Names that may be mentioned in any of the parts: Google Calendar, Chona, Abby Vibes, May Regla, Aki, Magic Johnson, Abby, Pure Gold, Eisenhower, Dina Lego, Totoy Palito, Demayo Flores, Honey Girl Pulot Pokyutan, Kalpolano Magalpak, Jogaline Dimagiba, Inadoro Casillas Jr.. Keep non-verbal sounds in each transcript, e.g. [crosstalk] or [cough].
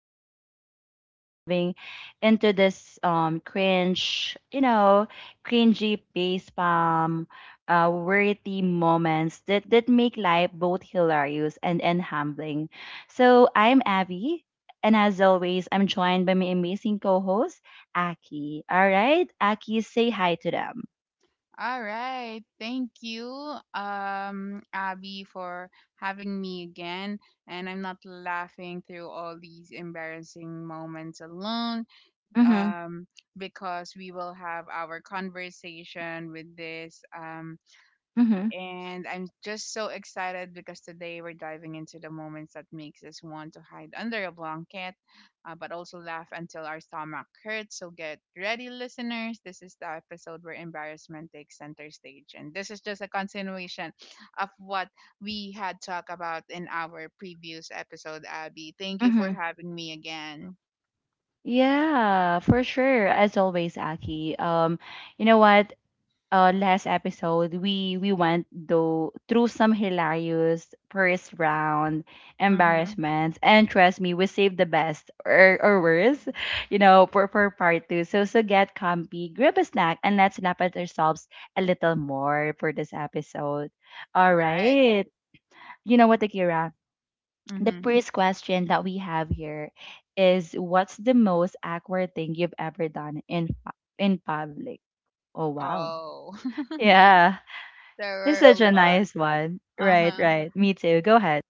time, you already know we're diving into this cringy face palm, worthy moments that make life both hilarious and humbling. So I'm Abby, and as always, I'm joined by my amazing co-host Aki. All right, Aki, say hi to them. All right. Thank you, Abby, for having me again. And I'm not laughing through all these embarrassing moments alone, Mm-hmm. um, because we will have our conversation with this. Mm-hmm. And I'm just so excited because today we're diving into the moments that makes us want to hide under a blanket, but also laugh until our stomach hurts. So get ready, listeners. This is the episode where embarrassment takes center stage, and this is just a continuation of what we had talked about in our previous episode. Abby, thank you for Mm-hmm. having me again. Yeah, for sure. As always, Aki. You know what? Last episode we went though through some hilarious first round Mm-hmm. embarrassments, and trust me, we saved the best or worse, [laughs] for part two. So get comfy, grab a snack, and let's laugh at ourselves a little more for this episode. All Right. right. You know what, Akira? The Mm-hmm. first question that we have here is, what's the most awkward thing you've ever done in in public? Oh wow. Oh, [laughs] Yeah. there This is were a such a lot. nice one. Uh Right, huh. right. Me too. Go ahead.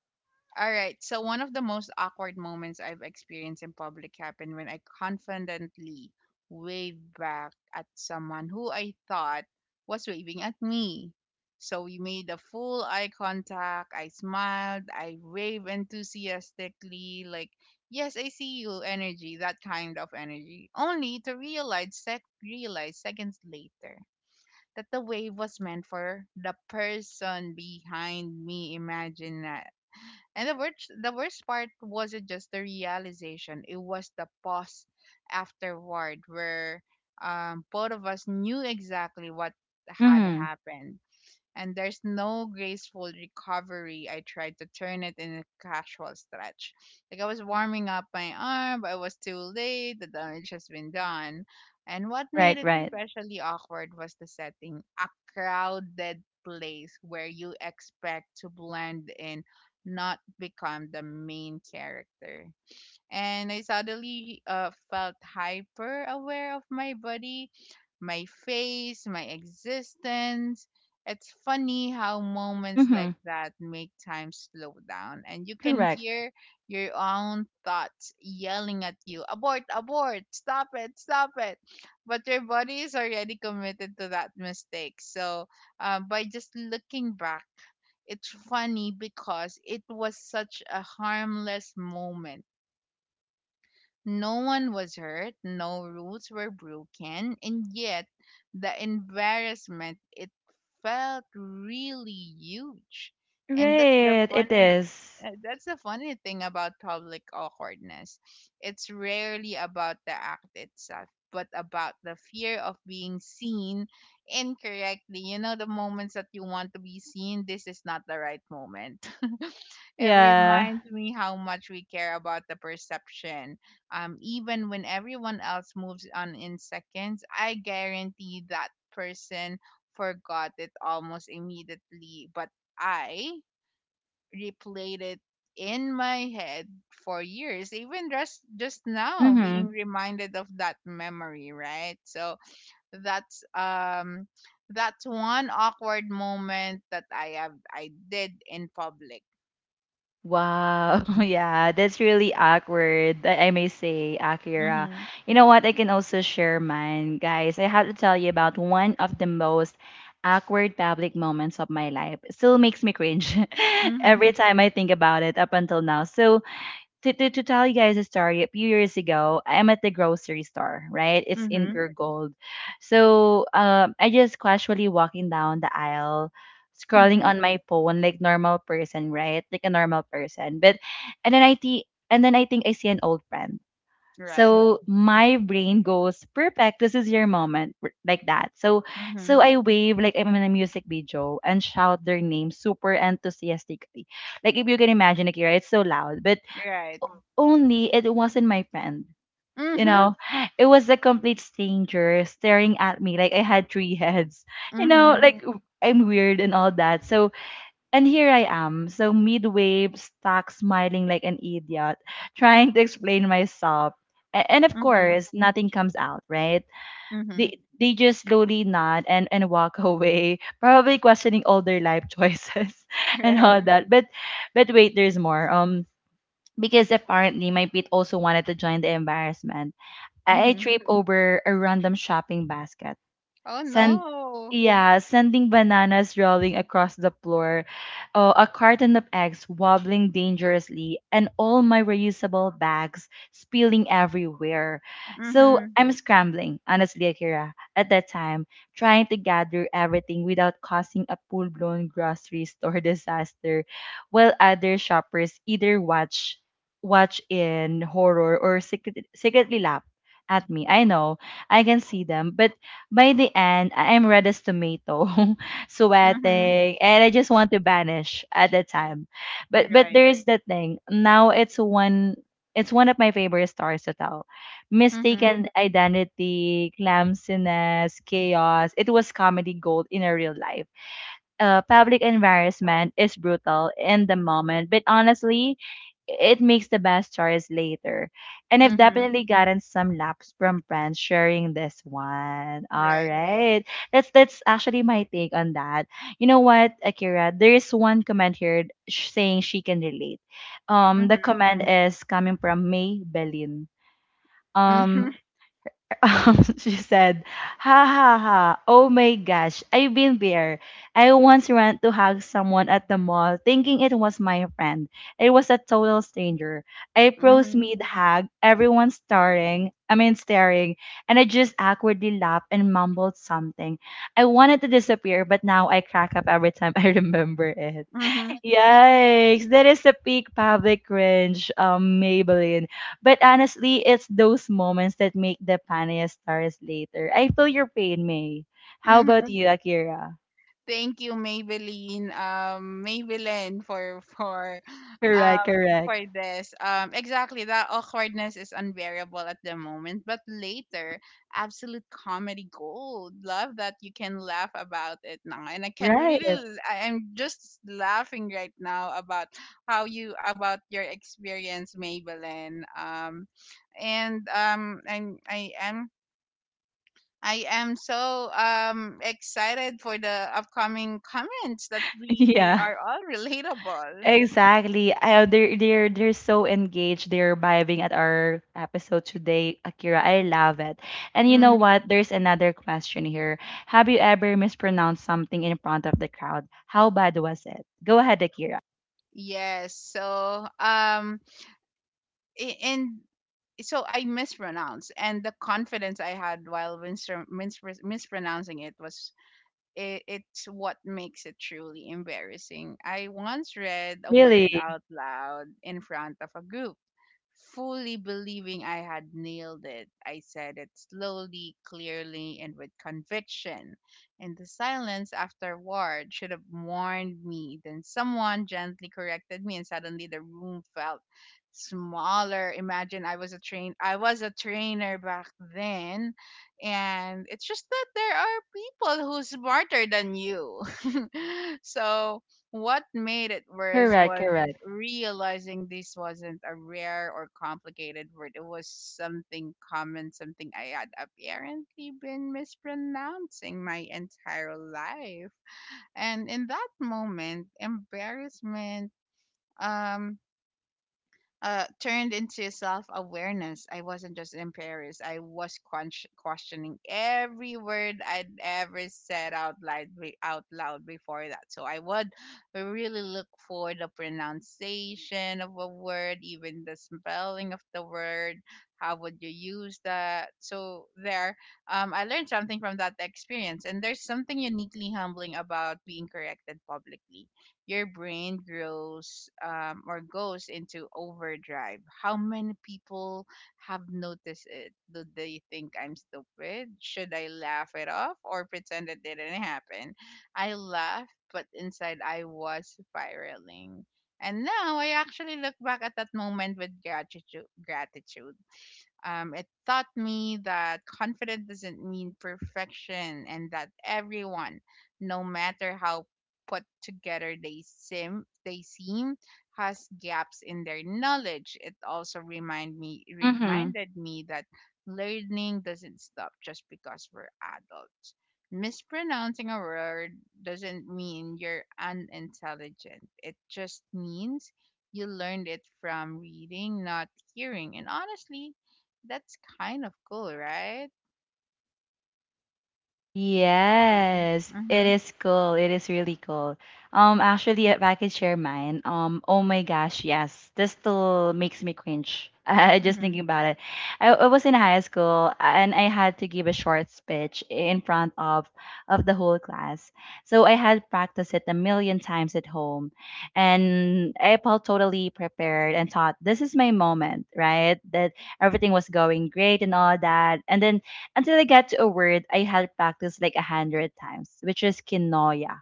All right. So one of the most awkward moments I've experienced in public happened when I confidently waved back at someone who I thought was waving at me. So we made a full eye contact. I smiled. I waved enthusiastically, like, yes, I see you energy, that kind of energy. Only to realize, realize seconds later that the wave was meant for the person behind me, imagine, and the worst part wasn't just the realization; it was the pause afterward, where both of us knew exactly what had Mhm. happened, and there's no graceful recovery. I tried to turn it in a casual stretch, like I was warming up my arm, but I was too late. The damage has been done. And what made Right, it right. especially awkward was the setting, a crowded place where you expect to blend in, not become the main character. And I suddenly felt hyper aware of my body, my face, my existence. It's funny how moments like Mhm. that make time slow down, and you can Correct. hear your own thoughts yelling at you abort, abort, stop it, stop it. But your body is already committed to that mistake. So, by just looking back, it's funny because it was such a harmless moment, no one was hurt, no rules were broken, and yet the embarrassment it felt really huge. And Right. It is. That's the funny thing about public awkwardness. It's rarely about the act itself, but about the fear of being seen incorrectly. You know the moments that you want to be seen, this is not the right moment. [laughs] It Yeah. reminds me how much we care about the perception. Even when everyone else moves on in seconds, I guarantee that person forgot it almost immediately. But I replayed it in my head for years, even just now being Hmm. reminded of that memory, right? So that's that's one awkward moment that I did in public. Wow, [laughs] yeah, that's really awkward, I may say, Akira. Mm-hmm. You know what? I can also share mine, guys. I have to tell you about one of the most awkward public moments of my life. It still makes me cringe [laughs] Mm-hmm. every time I think about it up until now. So, to tell you guys a story, a few years ago, I'm at the grocery store, right? It's in Mhm. Pure Gold. So I just casually walking down the aisle, scrolling Mhm. on my phone like normal person, right? Like a normal person. But and then I think and then I think I see an old friend. Right. So my brain goes, perfect, this is your moment, like that. So Mhm. so I wave like I'm in a music video and shout their name super enthusiastically. Like if you can imagine, like, right? It's so loud. But Right. only it wasn't my friend. You Mhm. know, it was a complete stranger staring at me like I had three heads. You know, Mhm. like I'm weird and all that. So, and here I am. So, midway, stuck smiling like an idiot, trying to explain myself. And of Mhm. course, nothing comes out, right? Mhm. They just slowly nod and walk [laughs] away, probably questioning all their life choices [laughs] [laughs] and Right. all that. But wait, there's more. Because apparently my pit also wanted to join the embarrassment. I Mhm. tripped over a random shopping basket. Oh Send, no. yeah, sending bananas rolling across the floor, a carton of eggs wobbling dangerously, and all my reusable bags spilling everywhere. So Mhm. I'm scrambling, honestly, Akira, at that time, trying to gather everything without causing a full blown grocery store [laughs] disaster, while other shoppers either watch in horror or secretly laugh at me. I know I can see them, but by the end, I am red as tomato, [laughs] Mhm. sweating, and I just want to vanish at the time. But Right. there's the thing. Now it's one of my favorite stories to tell. Mhm. Mistaken identity, clumsiness, chaos. It was comedy gold in a real life. Public embarrassment is brutal in the moment, but honestly, it makes the best choice later. And I've Mhm. definitely gotten some laps from friends sharing this one. All Right. right. That's actually my take on that. You know what, Akira? There is one comment here saying she can relate. Um, the Mhm. comment is coming from May Belin. Mhm. Um, [laughs] [laughs] she said, ha ha ha, oh my gosh, I've been there. I once ran to hug someone at the mall thinking it was my friend. It was a total stranger. I froze Mhm. mid hug, everyone staring, I mean staring, and I just awkwardly laughed and mumbled something. I wanted to disappear, but now I crack up every time [laughs] I remember it. Mhm. Yikes, that is the peak public cringe, Maybelline. But honestly, it's those moments that make the funniest stories later. I feel your pain, May. How about Mhm. you, [laughs] Akira? Thank you, Maybelline, Maybelline for for Correct, um correct. for this. Exactly, that awkwardness is unbearable at the moment, but later, absolute comedy gold. Love that you can laugh about it now, and I can Right. I am just laughing right now about how you about your experience, Maybelline. And I am so excited for the upcoming comments that [laughs] we they Yeah. are all [laughs] relatable. Exactly. They're so engaged. They're vibing at our episode today, Akira. I love it. And you know Mm, what? There's another question here. Have you ever mispronounced something in front of the crowd? How bad was it? Go ahead, Akira. yes. So a- and so I mispronounced, and the confidence I had while mispronouncing it was, it, it's what makes it truly embarrassing. I once read a Really? word out loud in front of a group, fully believing I had nailed it. I said it slowly, clearly, and with conviction. And the silence afterward should have warned me. Then someone gently corrected me, and suddenly the room felt smaller. Imagine, I was a trainer back then, and it's just that there are people who's smarter than you. [laughs] So what made it worse Correct, was correct. realizing this wasn't a rare or complicated word. It was something common, something I had apparently been mispronouncing my entire life. And in that moment, embarrassment um turned into self awareness. I wasn't just embarrassed, I was questioning every word I'd ever said out loud, out loud before that. So I would really look for the pronunciation of a word, even the spelling of the word. How would you use that? So there, I learned something from that experience. And there's something uniquely humbling about being corrected publicly. Your brain grows or goes into overdrive. How many people have noticed it? Do they think I'm stupid? Should I laugh it off or pretend it didn't happen? I laughed, but inside I was spiraling. And now I actually look back at that moment with gratitude. Gratitude. It taught me that confidence doesn't mean perfection and that everyone, no matter how put together they seem, has gaps in their knowledge. It also Mhm. reminded me that learning doesn't stop just because we're adults. Mispronouncing a word doesn't mean you're unintelligent. It just means you learned it from reading, not hearing. And honestly, that's kind of cool, right? Do you agree? Yes, it Mhm. is cool. It is really cool. Actually, if I could share mine, oh my gosh, yes, this still makes me cringe. [laughs] I just Mhm. thinking about it. I was in high school and I had to give a short speech in front of the whole class. So I had practiced it a million times at home, and I felt totally prepared and thought this is my moment, right? That everything was going great and all that, and then until I got to a word I had practiced like a hundred times, which is kinoya.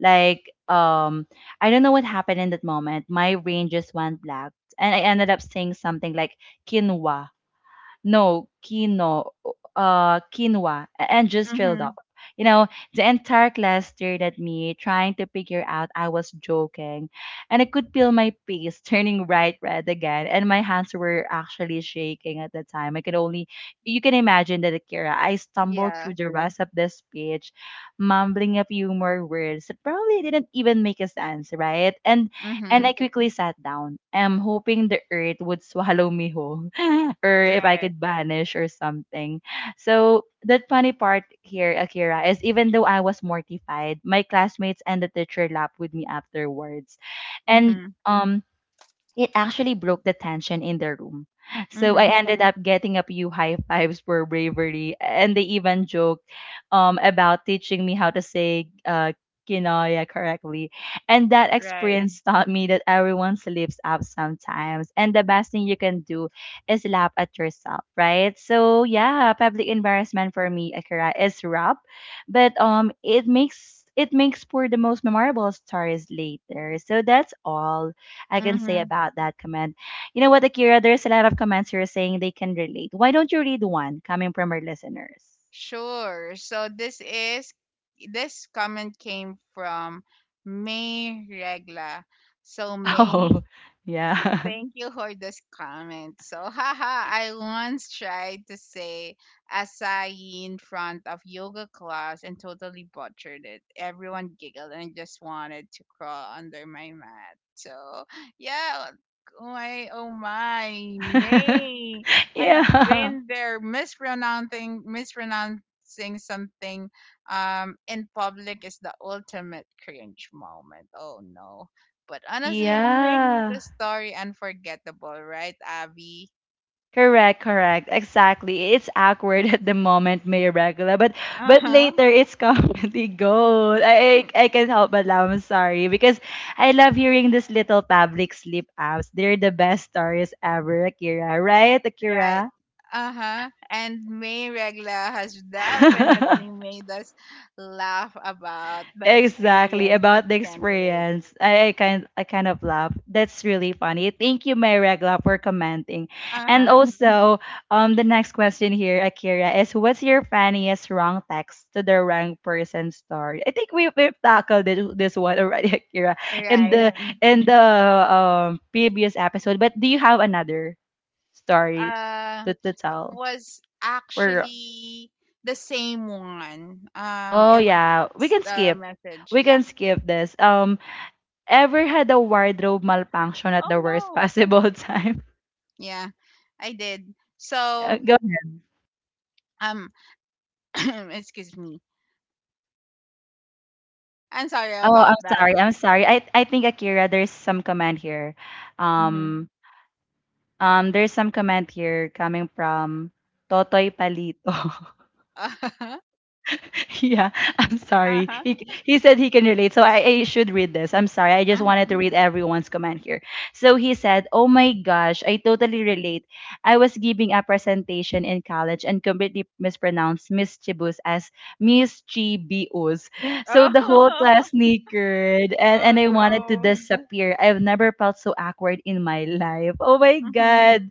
Like, I don't know what happened in that moment. My brain just went black, and I ended up saying something like quinoa, no quino, quinoa, and just trailed off. Mhm. You know, the entire class stared at me, trying to figure out I was joking, and I could feel my face [laughs] turning bright red again, and my hands were actually shaking at the time. I could only, you can imagine that, Akira. I stumbled Yeah. through the rest of the speech, mumbling a few more words that probably didn't even make a sense, right? And I Mhm. quickly sat down. I'm hoping the earth would swallow me whole [laughs] or if I Right. could vanish or something. So that funny part here, Akira, is even though I was mortified, my classmates and the teacher laughed with me afterwards. And Mhm. um it actually broke the tension in the room. So I Mhm. ended up getting a few high fives for bravery, and they even joked about teaching me how to say Kinoya correctly. And that Right. experience taught me that everyone slips up sometimes, and the best thing you can do is laugh at yourself, right? So yeah, public embarrassment for me, Akira, is rough, but it makes for the most memorable stories later. So that's all I can say Mhm. about that comment. You know what, Akira? There's a lot of comments here saying they can relate. Why don't you read one coming from our listeners? [laughs] Sure. So this is, this comment came from May Regla. So May, Oh, yeah. thank you for this comment. So, haha, I once tried to say acai in front of yoga class and totally butchered it. Everyone giggled and just wanted to crawl under my mat. So, yeah, oh my, oh my, May. [laughs] I've Yeah. been there, mispronouncing something in public is the ultimate cringe moment. Oh no, but honestly it makes the Yeah. story unforgettable, right, Abby? Correct, correct. Exactly. It's awkward at the moment, Mayor Regula, Uh but huh. later it's comedy [laughs] gold. I can't help but laugh. I'm sorry because I love hearing these little public sleep apps. They're the best stories ever, Akira. Right, Right. Akira? Uh huh. And May Regla has definitely [laughs] made us laugh about the Exactly experience, she about the can relate. experience. I kind of laugh. That's really funny. Thank you, my regla, for commenting. Uh And huh. also, the next question here, Akira, is, what's your funniest wrong text to the wrong person story? I think we've tackled this one already, [laughs] Akira, in Right. the yeah, in the previous episode. But do you have another story Uh, to, tell? was For actually the same one. Oh It was yeah, the message. we Yeah. can skip this. Ever had a wardrobe malfunction at the Oh worst no. possible [laughs] time? Yeah, I did. So go. um, [clears throat] excuse me. I'm sorry Oh, I'm about that. sorry. I'm sorry. I think Akira, there's some comment here. Mhm. Um, there's some comment here coming from Totoy Palito. [laughs] [laughs] [laughs] Yeah, I'm sorry. Uh-huh. He said he can relate, so I should read this. I'm sorry. I Uh-huh. just Uh-huh. wanted to read everyone's comment here. So he said, oh my gosh, I totally relate. I was giving a presentation in college and completely mispronounced mischievous as mischievous. So the whole Oh. class [laughs] snickered and, Oh and I wanted to no. disappear. I've never felt so awkward in my life. Oh my Mhm. God.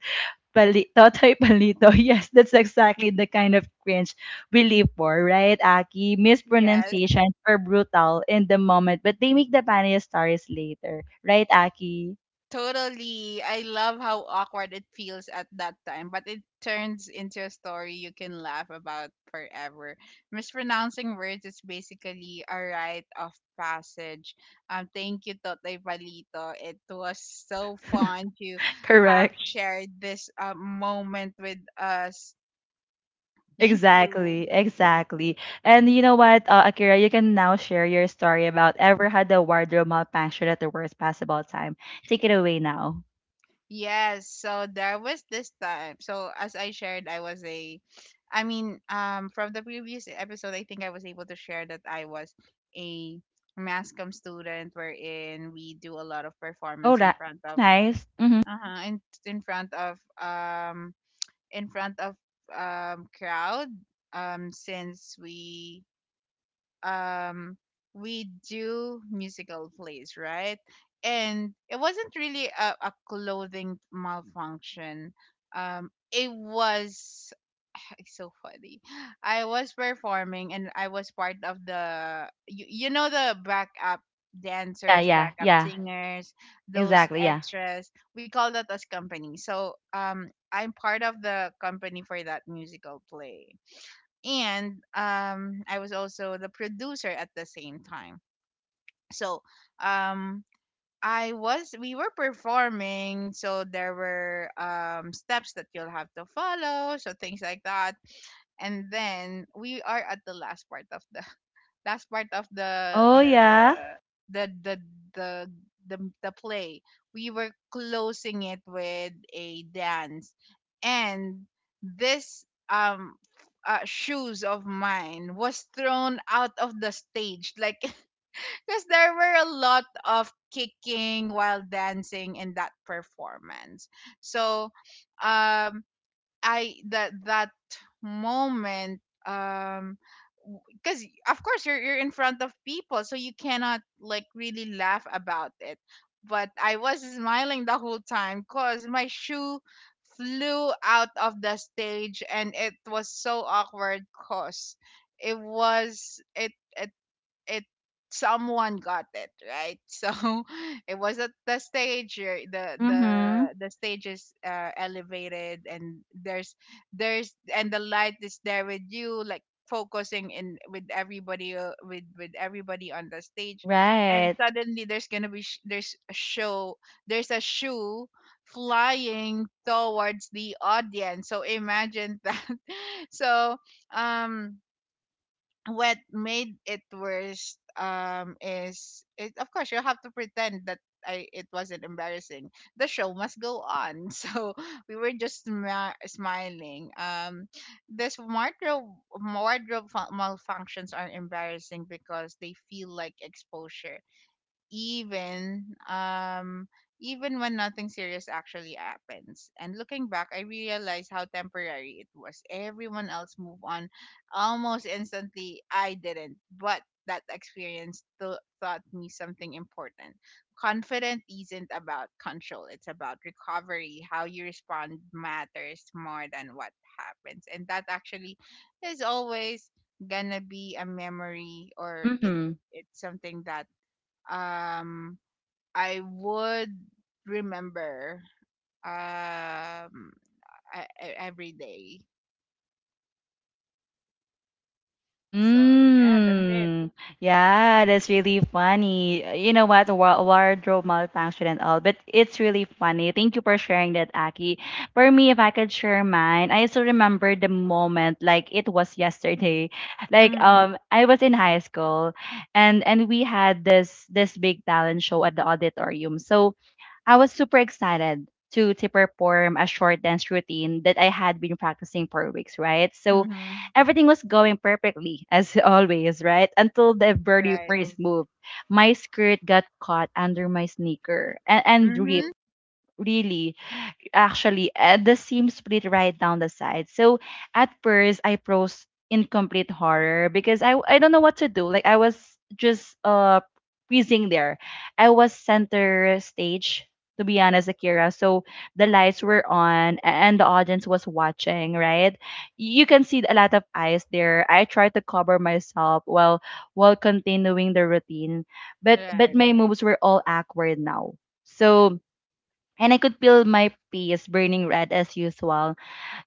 Totoy Palito. [laughs] Yes, that's exactly the kind of cringe we live for, right, Aki? Yes. Mispronunciations are brutal in the moment, but they make the funniest stories later, right, Aki? Totally. I love how awkward it feels at that time, but it turns into a story you can laugh about forever. Mispronouncing words is basically a rite of passage. Thank you, Totoy Palito. It was so fun to have Correct. shared this moment with us. Thank you. Exactly, exactly. And you know what, Akira, you can now share your story about ever had a wardrobe malfunction at the worst possible time. Take it away now. Yes, so there was this time. So as I shared, I was a I mean, from the previous episode, I think I was able to share that I was a mass comm student wherein we do a lot of Oh, performance in that front of nice. Mm-hmm. In front of in front of crowd, since um we do musical plays, right, and it wasn't really a clothing malfunction. It was [sighs] [laughs] it's so funny. I was performing and I was part of the, you know, the backup Yeah, dancers, yeah, backup yeah. singers, those Exactly, yeah. extras, we call that as company. So I'm part of the company for that musical play, and I was, also the producer at the same time. So um, I was we were performing, so there were steps that you'll have to follow, so things like that. And then we are at the last part of the last part of Oh, yeah. The the the the, the play. We were closing it with a dance, and this shoes of mine was thrown out of the stage like [laughs] because there were a lot of kicking while dancing in that performance. So um I that that moment, um because of course you're in front of people, so you cannot like really laugh about it, but I was smiling the whole time cuz my shoe flew out of the stage. And it was so awkward cuz it was it it it someone got it right. [laughs] So it was at the stage. Mm-hmm. The stage is elevated, and the light is there with you, like focusing in with everybody, with everybody on the stage. And Right. suddenly there's gonna be sh- there's a show there's a shoe flying towards the audience, so imagine that. [laughs] So um what made it worse, is it, of course you have to pretend that I it wasn't embarrassing. The show must go on. [laughs] So we were just smiling. This wardrobe Wardrobe malfunctions are embarrassing because they feel like exposure, even even when nothing serious actually happens. And looking back, I realized how temporary it was. Everyone else moved on almost instantly, I didn't. But that experience taught me something important. Confidence isn't about control, it's about recovery. How you respond matters more than what happens. And that actually is always gonna be a memory, or it Mm-hmm. it's something that um I would remember, um every day. So yeah, that's it. Mm. Yeah, that's really funny. You know what? Wardrobe malfunction and all, but it's really funny. Thank you for sharing that, Aki. For me, if I could share mine, I still remember the moment, like it was yesterday. [laughs] Like Mhm. I was in high school, and we had this big talent show at the auditorium. So I was super excited to, perform a short dance routine that I had been practicing for weeks, right? So Mhm. everything was going perfectly as [laughs] always, right? Until the very Right. first move, my skirt got caught under my sneaker and ripped Mhm. really actually add the seam split right down the side. So at first I froze in complete horror because I don't know what to do. Like I was just freezing there. I was center stage, to be honest, Akira. So the lights were on and the audience was watching, right? You can see a lot of eyes there. I tried to cover myself while continuing the routine, but Right. my moves were all awkward now. So and I could feel my face burning red as usual.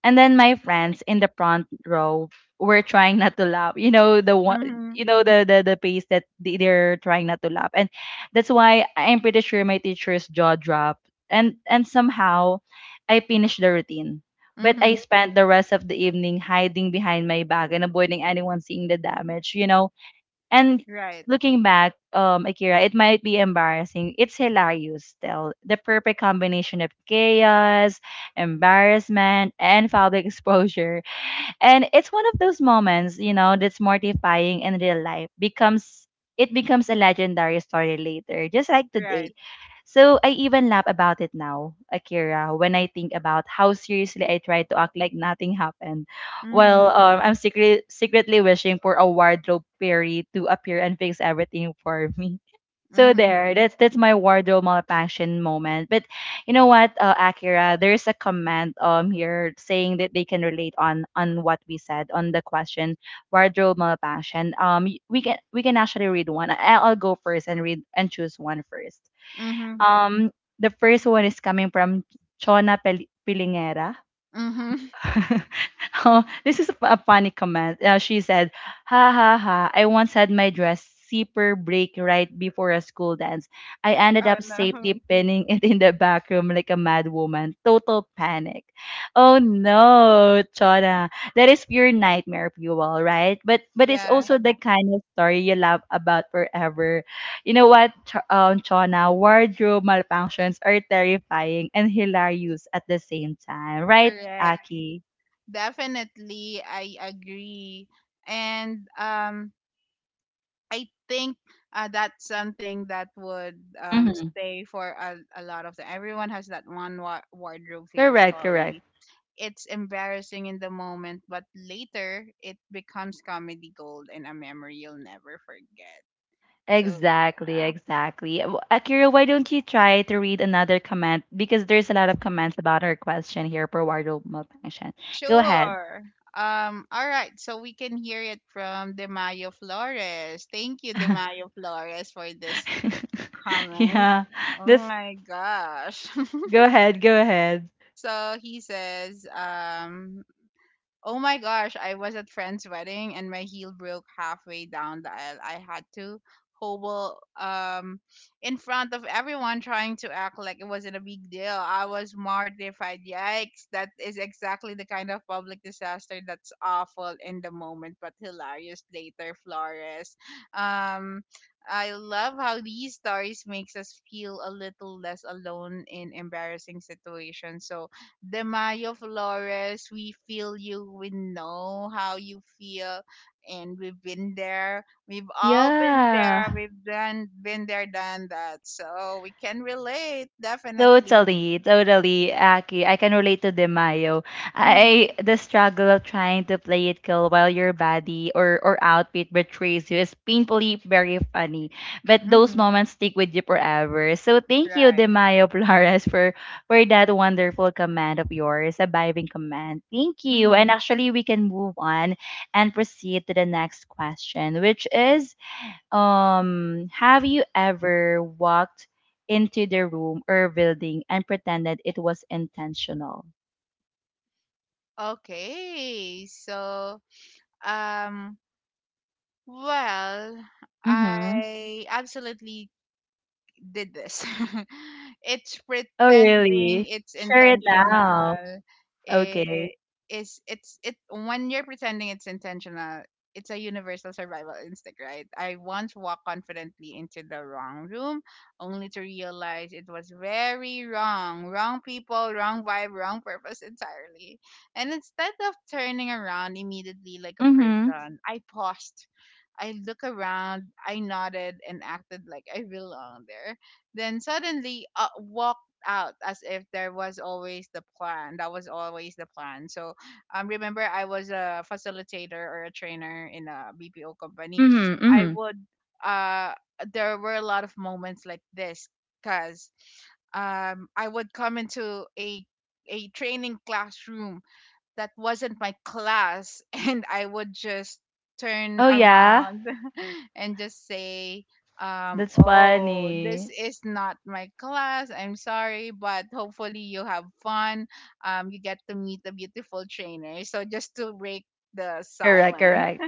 And then my friends in the front row were trying not to laugh. You know the one, you Mhm. know the face that they're trying not to laugh, and that's why I'm pretty sure my teacher's jaw dropped. And somehow, I finished the routine. But I Mhm. spent the rest of the evening hiding behind my back and avoiding anyone seeing the damage. You know, and Right. looking back, Akira, it might be embarrassing. It's hilarious still. The perfect combination of chaos, embarrassment, and public [laughs] exposure. And it's one of those moments, you know, that's mortifying in real life. Becomes it becomes a legendary story later, just like today. Right. So I even laugh about it now, Akira, when I think about how seriously I tried to act like nothing happened, while Mhm. I'm secretly wishing for a wardrobe fairy to appear and fix everything for me. So Mhm. there, that's my wardrobe malfunction moment. But you know what, Akira, there's a comment here saying that they can relate on what we said on the question wardrobe malfunction. We can actually read one. I'll go first and read and choose one first. Mhm. Um, the first one is coming from Chona Pel- Pilingera. Mhm. [laughs] [laughs] Oh, this is a funny comment. She said, "Ha ha ha! I once had my dress zipper break right before a school dance. I ended Oh up safely no. pinning it in the back room like a mad woman. Total panic." Oh no, Chona, that is pure nightmare fuel, right? But it's Yeah, also the kind of story you laugh about forever. You know what, Chona? Wardrobe malfunctions are terrifying and hilarious at the same time, right, correct. Aki? Definitely I agree. And I think that's something that would Hmm. stay for a lot of the, everyone has that one wardrobe fail Correct, correct. story. It's embarrassing in the moment, but later it becomes comedy gold and a memory you'll never forget. So Exactly, yeah, exactly. W- Akira, why don't you try to read another comment? Because there's a lot of comments about our question here for wardrobe malfunction. Go ahead. sure. All right. So we can hear it from Demayo Flores. Thank you, Demayo Flores, for this [laughs] comment. Yeah. Oh This my gosh. [laughs] Go ahead, go ahead. So he says, "Oh my gosh, I was at friend's wedding and my heel broke halfway down the aisle. I had to hobble in front of everyone trying to act like it wasn't a big deal. I was mortified. Yikes, that is exactly the kind of public disaster that's awful in the moment but hilarious later, Flores." Um I love how these stories makes us feel a little less alone in embarrassing situations. So the Mayo Flores, we feel you, we know how you feel, and we've been there. We've all been Yeah. there. We've done been there, done that. So we can relate, definitely. Totally, totally, Aki. I can relate to Demayo. Mm-hmm, I The struggle of trying to play it cool while your body or outfit betrays you is painfully very funny. But those mm-hmm, moments stick with you forever. So thank you, right. Demayo [laughs] Flores, for that wonderful command of yours, a vibing command. Thank you. Mm-hmm. And actually, we can move on and proceed to the next question, which is have you ever walked into the room or building and pretended it was intentional? Okay, so um, well, Mm-hmm. I absolutely did this. [laughs] It's Oh, pretending, really? it's Share it now. intentional. Okay. It is it's it when you're pretending it's intentional, it's a universal survival instinct, right? I once walked confidently into the wrong room only to realize it was very wrong. Wrong people, wrong vibe, wrong purpose entirely. And instead of turning around immediately like a Mm-hmm. person, I paused, I look around, I nodded and acted like I belong there. Then suddenly walked out as if there was always the plan. That was always the plan. So remember I was a facilitator or a trainer in a BPO company. Mm-hmm. I Mm-hmm. would uh there were a lot of moments like this cuz I would come into a training classroom that wasn't my class [laughs] and I would just turn Oh, yeah. around [laughs] and just say That's oh, this funny. is not my class, I'm sorry, but hopefully you have fun, you get to meet a beautiful trainer, so just to break the Correct, silence. correct.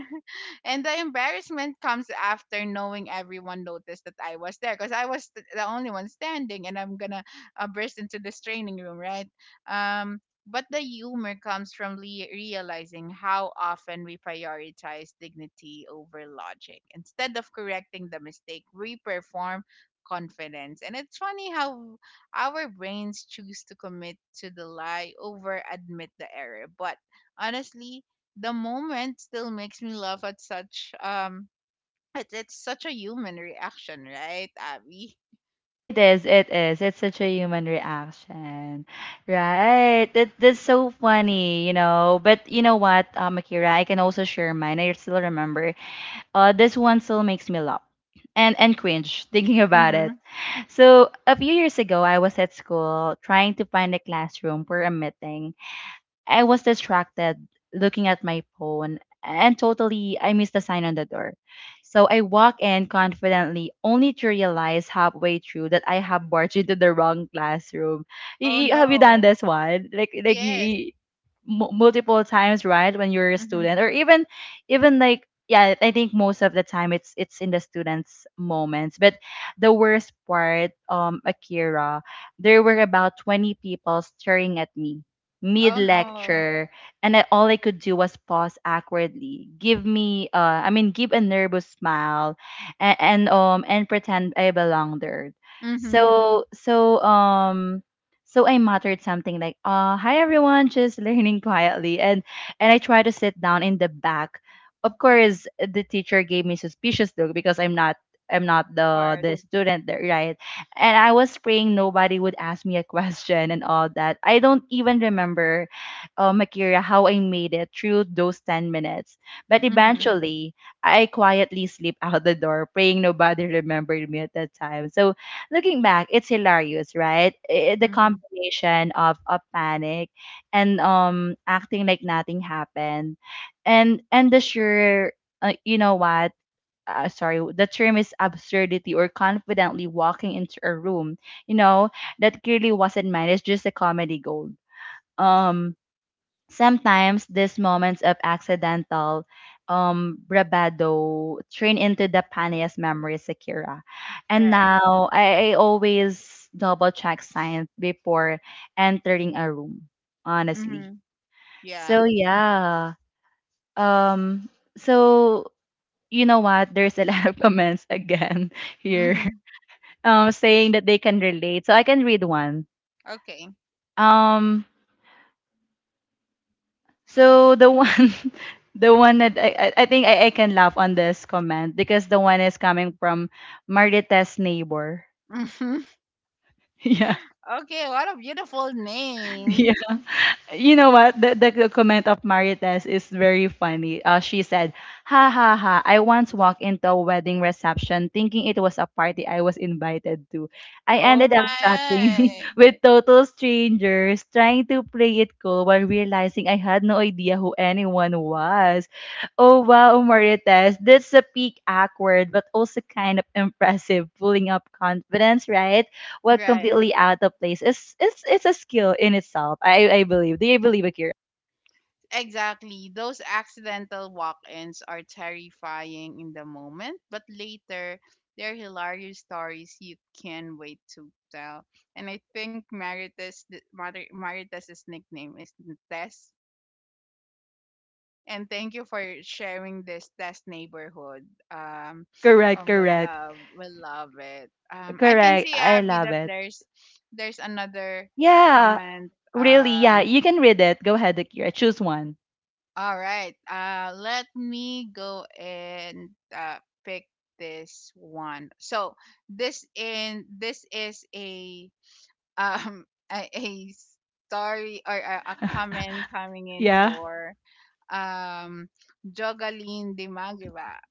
And the embarrassment comes after knowing everyone noticed that I was there because I was the only one standing and I'm going to burst into this training room, right? Um, but the humor comes from realizing how often we prioritize dignity over logic. Instead of correcting the mistake, we perform confidence. And it's funny how our brains choose to commit to the lie over admit the error. But honestly, the moment still makes me laugh at such it's such a human reaction, right, Abby? It is, it is. It's such a human reaction. Right. That that's so funny, you know. But you know what, Akira, I can also share mine. I still remember this one still makes me laugh and cringe thinking about Mm-hmm. it. So, a few years ago, I was at school trying to find a classroom for a meeting. I was distracted looking at my phone and totally I missed the sign on the door. So I walk in confidently only to realize halfway through that I have barged into the wrong classroom. Oh Have you done no. this one? Like Yes. Multiple times, right? When you're a Mm-hmm. student or even even like, yeah, I think most of the time it's in the students' moments. But the worst part, Akira, there were about 20 people staring at me mid Oh no. lecture, and I, all I could do was pause awkwardly, give me I mean give a nervous smile and pretend I belong there. Mm-hmm. So so um so I muttered something like, "Hi everyone, just [laughs] learning quietly," and I tried to sit down in the back. Of course, the teacher gave me suspicious look because I'm not, I'm not the Part. the student there, right? And I was praying nobody would ask me a question and all that. I don't even remember, Makira, how I made it through those 10 minutes. But Mm-hmm. eventually, I quietly slipped [laughs] out the door, praying nobody remembered me at that time. So looking back, it's hilarious, right? The Mm-hmm. combination of, a panic and acting like nothing happened. And the sure You know what, sorry, the term is absurdity, or confidently walking into a room, you know, that clearly wasn't mine. It's just a comedy gold. Um, sometimes these moments of accidental bravado turn into the funniest memories, Sakira. And Right. now I always double check science before entering a room, honestly. Mm-hmm. Yeah. So yeah. Um so you know what? There's a [laughs] lot of comments again [laughs] here, Mm-hmm. [laughs] Saying that they can relate. So I can read one. Okay. Um, so [laughs] the one that I can laugh on this comment because the one is coming from Marita's neighbor. Mm-hmm. [laughs] [laughs] Okay, what a beautiful name. Yeah, [laughs] you know what? The comment of Marites is very funny. She said, "Ha ha ha, I once walked into a wedding reception thinking it was a party I was invited to. I Oh ended up chatting [laughs] my. with total strangers, trying to play it cool while realizing I had no idea who anyone was." Oh wow, Marites, that's a peak awkward, but also kind of impressive, pulling up confidence, right? What Right. completely out of place is it's a skill in itself. I believe. Do you believe, Akira? Exactly. Those accidental walk ins are terrifying in the moment, but later they're hilarious stories you can not wait to tell. And I think Maritas's nickname is Tess. And thank you for sharing this Tess neighborhood. Correct, Oh, correct. We love it. I can Correct. see I Abby love that it. there's another Yeah. comment. Really, yeah. You can read it. Go ahead, Akira. Choose one. All right. Let me go and uh, pick this one. So this is a um [laughs] a story or a comment coming in Yeah. for um Jogaline Dimagiba.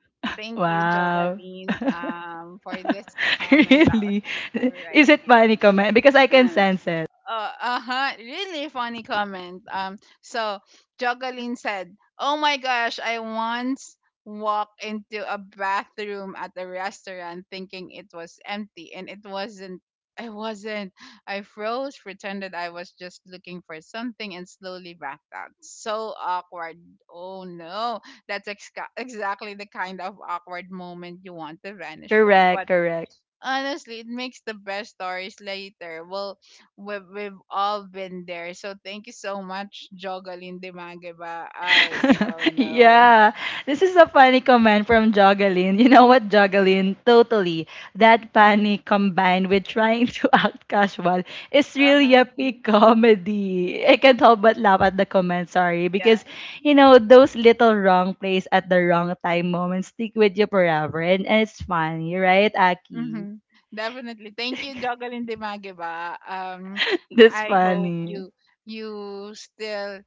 Thank you, Wow. Jogaline, [laughs] for this [laughs] comment that was Really? [laughs] all Is right it here. funny comment? Because I can sense it. Uh-huh. Really funny comment. So Jocelyn said, "Oh my gosh, I once walked into a bathroom at a restaurant thinking it was empty, and it wasn't. I wasn't. I froze, pretended I was just looking for something, and slowly backed out. So awkward. Oh no, that's exactly the kind of awkward moment you want to vanish from, but." Correct, correct. Honestly, it makes the best stories later. Well, we've all been there. So thank you so much, Jogalyn Dimageba. I, oh [laughs] no. Yeah, this is a funny comment from Jogalyn. You know what, Jogalyn? Totally. That panic combined with trying to [laughs] act casual is really a Uh-huh. peak comedy. I can't help but laugh at the comment, sorry, Yeah. because, you know, those little wrong plays at the wrong time moments stick with you forever. And it's funny, right, Aki? Mm-hmm. Definitely. Thank you, Jogalyn Dimageba. [laughs] That's I hope funny. you you still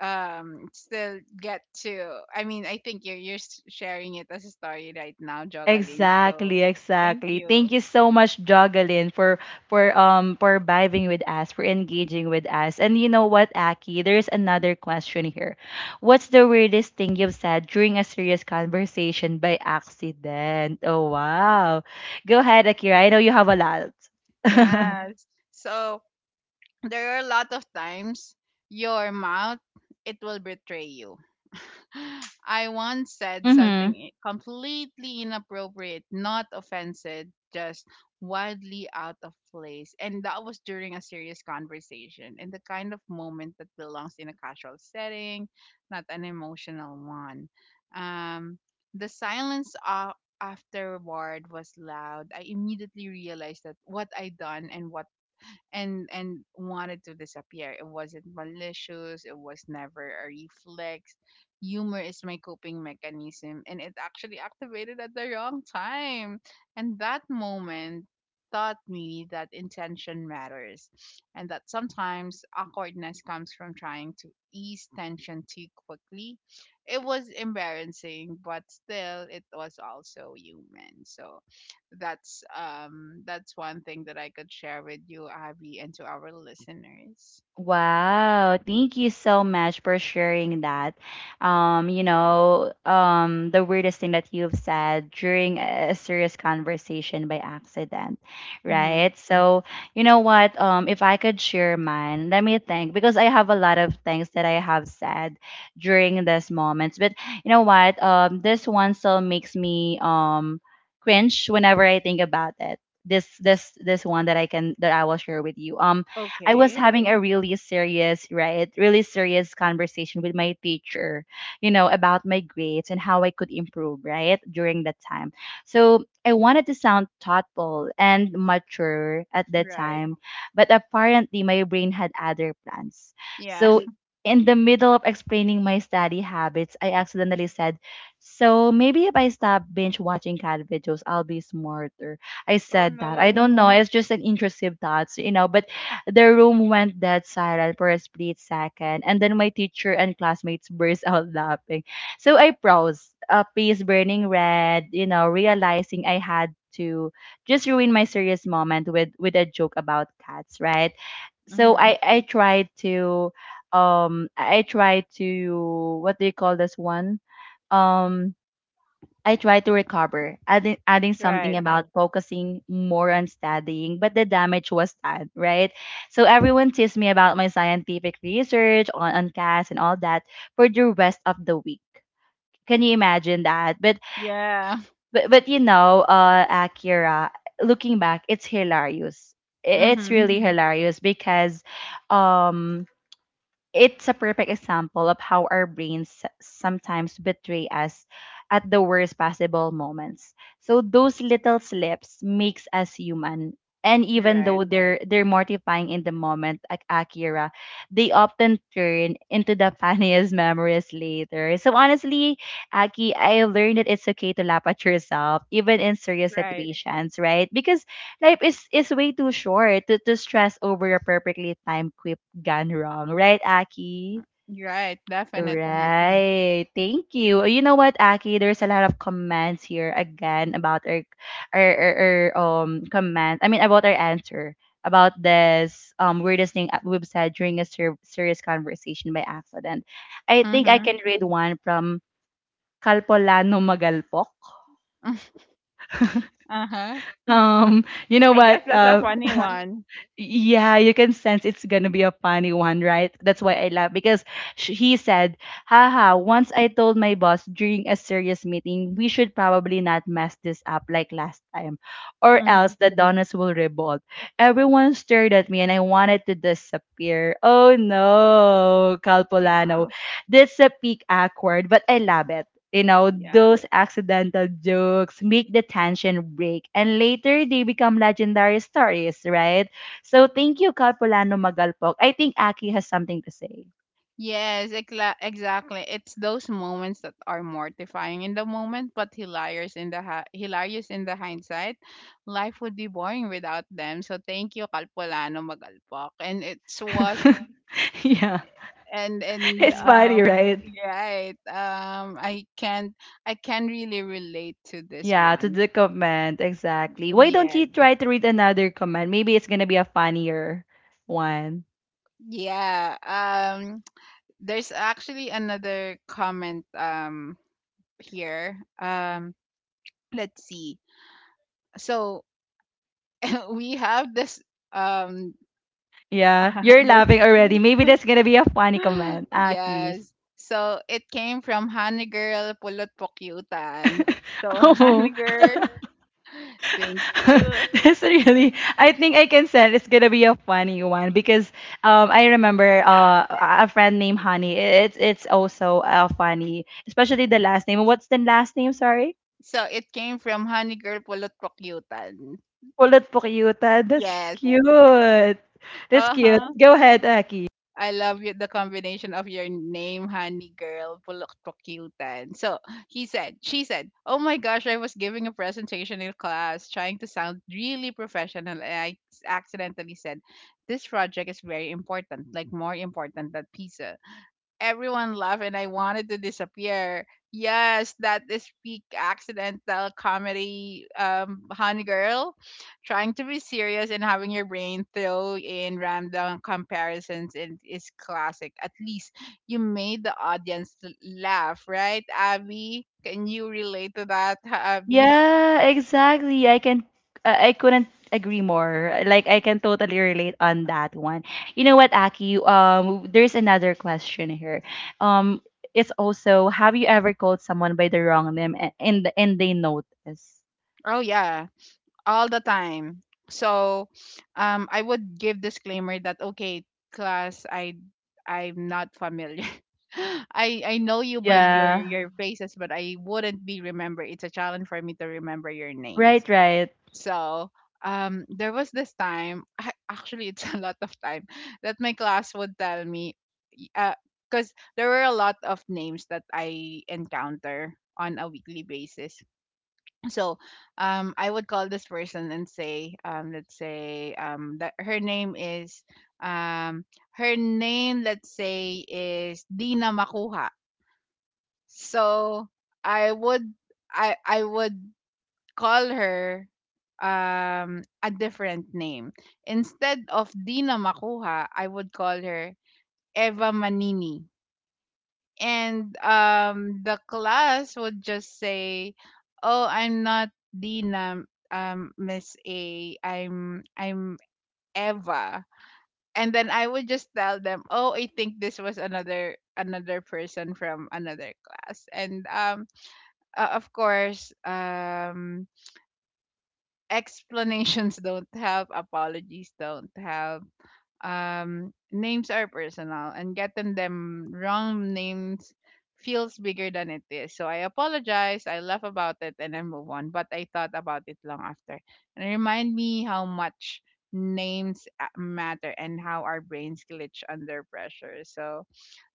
still get to. I mean, I think you're sharing it as a story right now, Jogalyn. So Exactly, thank exactly. you. Thank you so much, Jocelyn, for for vibing with us, for engaging with us. And you know what, Aki, there's another question here. What's the weirdest thing you've said during a serious conversation by accident? Oh wow. Go ahead, Akira. I know you have a lot. [laughs] Yes. So there are a lot of times your mouth it will betray you. [laughs] I once said something Mm-hmm. Completely inappropriate, not offensive, just wildly out of place, and that was during a serious conversation and the kind of moment that belongs in a casual setting, not an emotional one. um the silence afterward was loud. I immediately realized that what I done and what and wanted to disappear. It wasn't malicious. It was never a reflex. Humor is my coping mechanism, and it actually activated at the wrong time. And that moment taught me that intention matters, and that sometimes awkwardness comes from trying to ease tension too quickly. It was embarrassing, but still, it was also human. So that's one thing that I could share with you, Avi, and to our listeners. Wow, thank you so much for sharing that. You know, the weirdest thing that you've said during a serious conversation by accident, Mm-hmm. right? So, you know what? If I could share mine, let me think because I have a lot of things that I have said during these moments. But you know what? This one still makes me cringe whenever I think about it. This one that I can that I will share with you. Um, I was Okay. having a really serious, right, really serious conversation with my teacher, you know, about my grades and how I could improve, right, during that time. So I wanted to sound thoughtful and mature at that Right. time, but apparently my brain had other plans. Yeah. So [laughs] in the middle of explaining my study habits, I accidentally said, "So maybe if I stop binge watching cat videos, I'll be smarter." I Oh said that. I no. don't know. It's just an intrusive thoughts, you know, but the room went dead silent for a split second, and then my teacher and classmates burst out laughing. So I froze, a face burning red, you know, realizing I had to just ruin my serious moment with a joke about cats, right? So Mm-hmm. I tried to I tried to, what do you call this one? Um, I try to recover, adding something Right. about focusing more on studying, but the damage was done, right? So everyone teased me about my scientific research on CAS and all that for the rest of the week. Can you imagine that? But Yeah. [laughs] but but you know, uh, Akira, looking back, it's hilarious. It's Mm-hmm. really Mm-hmm. hilarious because um it's a perfect example of how our brains sometimes betray us at the worst possible moments. So those little slips makes us human. And even Right. though they're mortifying in the moment, like Akira, they often turn into the [laughs] funniest memories later. So honestly, Aki, I learned that it's okay to laugh at yourself, even in serious Right. situations, right? Because life is way too short to stress over a perfectly timed gone wrong. Right, Aki? Right. Definitely. Right. Thank you. You know what, Aki? There's a lot of comments here again about our comment. I mean about our answer about this weirdest thing we've said during a serious conversation by accident. I think I Mm-hmm. can read one from Kalpolano Magalpok. [laughs] [laughs] uh-huh. You know I guess what? that's a funny one. Yeah, you can sense it's gonna be a funny one, right? That's why I laugh because he said, "Haha, once I told my boss during a serious meeting, we should probably not mess this up like last time, or Mm-hmm. else the Donuts will revolt." Everyone stared at me, and I wanted to disappear. Oh no, Calpolano, Yeah. that's a peak awkward, but I love it. You know, Yeah. those accidental jokes make the tension break, and later they become legendary stories, right? So thank you, Capulano Magalpok. I think Aki has something to say. Yes, exactly. It's those moments that are mortifying in the moment, but hilarious in the hilarious in the hindsight. Life would be boring without them. So thank you, Kalpolano Magalpak. And it's was [laughs] yeah, and and it's funny, um right? right. I can really relate to this Yeah, to one. the comment, exactly. Why don't Yeah, you try to read another comment? Maybe it's gonna be a funnier one. yeah. There's actually another comment here. Let's see. So [laughs] we have this um Yeah, [laughs] you're this laughing already. Maybe that's gonna be a funny [laughs] comment, Aki. yes. So it came from Honey Girl Pulot Pokyutan. [laughs] So [laughs] oh. Honey Girl, [laughs] thank you. [laughs] this really, I think I can send it's gonna be a funny one because I remember a friend named Honey. It's also funny, especially the last name. What's the last name, sorry? So it came from Honey Girl Pulot Pokyutan. Pulot Pukyuta. That's Yes. cute. That's cute. Uh-huh. Go ahead, Aki. I love you, the combination of your name, honey girl, Puloktokyutan. So he said, she said, oh my gosh, I was giving a presentation in class, trying to sound really professional, and I accidentally said, this project is very important, like more important than pizza. Everyone laughed and I wanted to disappear. Yes, that is peak accidental comedy, honey girl, trying to be serious and having your brain throw in random comparisons and is classic. At least you made the audience laugh, right, Abby? Can you relate to that, [laughs] Abby? Yeah, exactly. I can I couldn't agree more. Like I can totally relate on that one. You know what, Aki? There's another question here. Um it's also, have you ever called someone by the wrong name and and they notice? Oh yeah, all the time. So, I would give disclaimer that okay, class, I I'm not familiar. [laughs] I know you by Yeah. your faces, but I wouldn't be remember. It's a challenge for me to remember your names. Right, right. So, there was this time. Actually, it's [laughs] a lot of time that my class would tell me, uh, because there were a lot of names that I encounter on a weekly basis, so I would call this person and say let's say that her name is um her name, let's say, is Dina Makuha. So I would I would call her a different name. Instead of Dina Makuha, I would call her Eva Manini. And the class would just say oh, I'm not Dina, Miss A, I'm Eva. And then I would just tell them oh, I think this was another person from another class. And of course, explanations [laughs] don't help, apologies don't help. Names are personal and getting them wrong names feels bigger than it is. So I apologize, I laugh about it, and I move on. But I thought about it long after. And it remind me how much names matter and how our brains glitch under pressure. So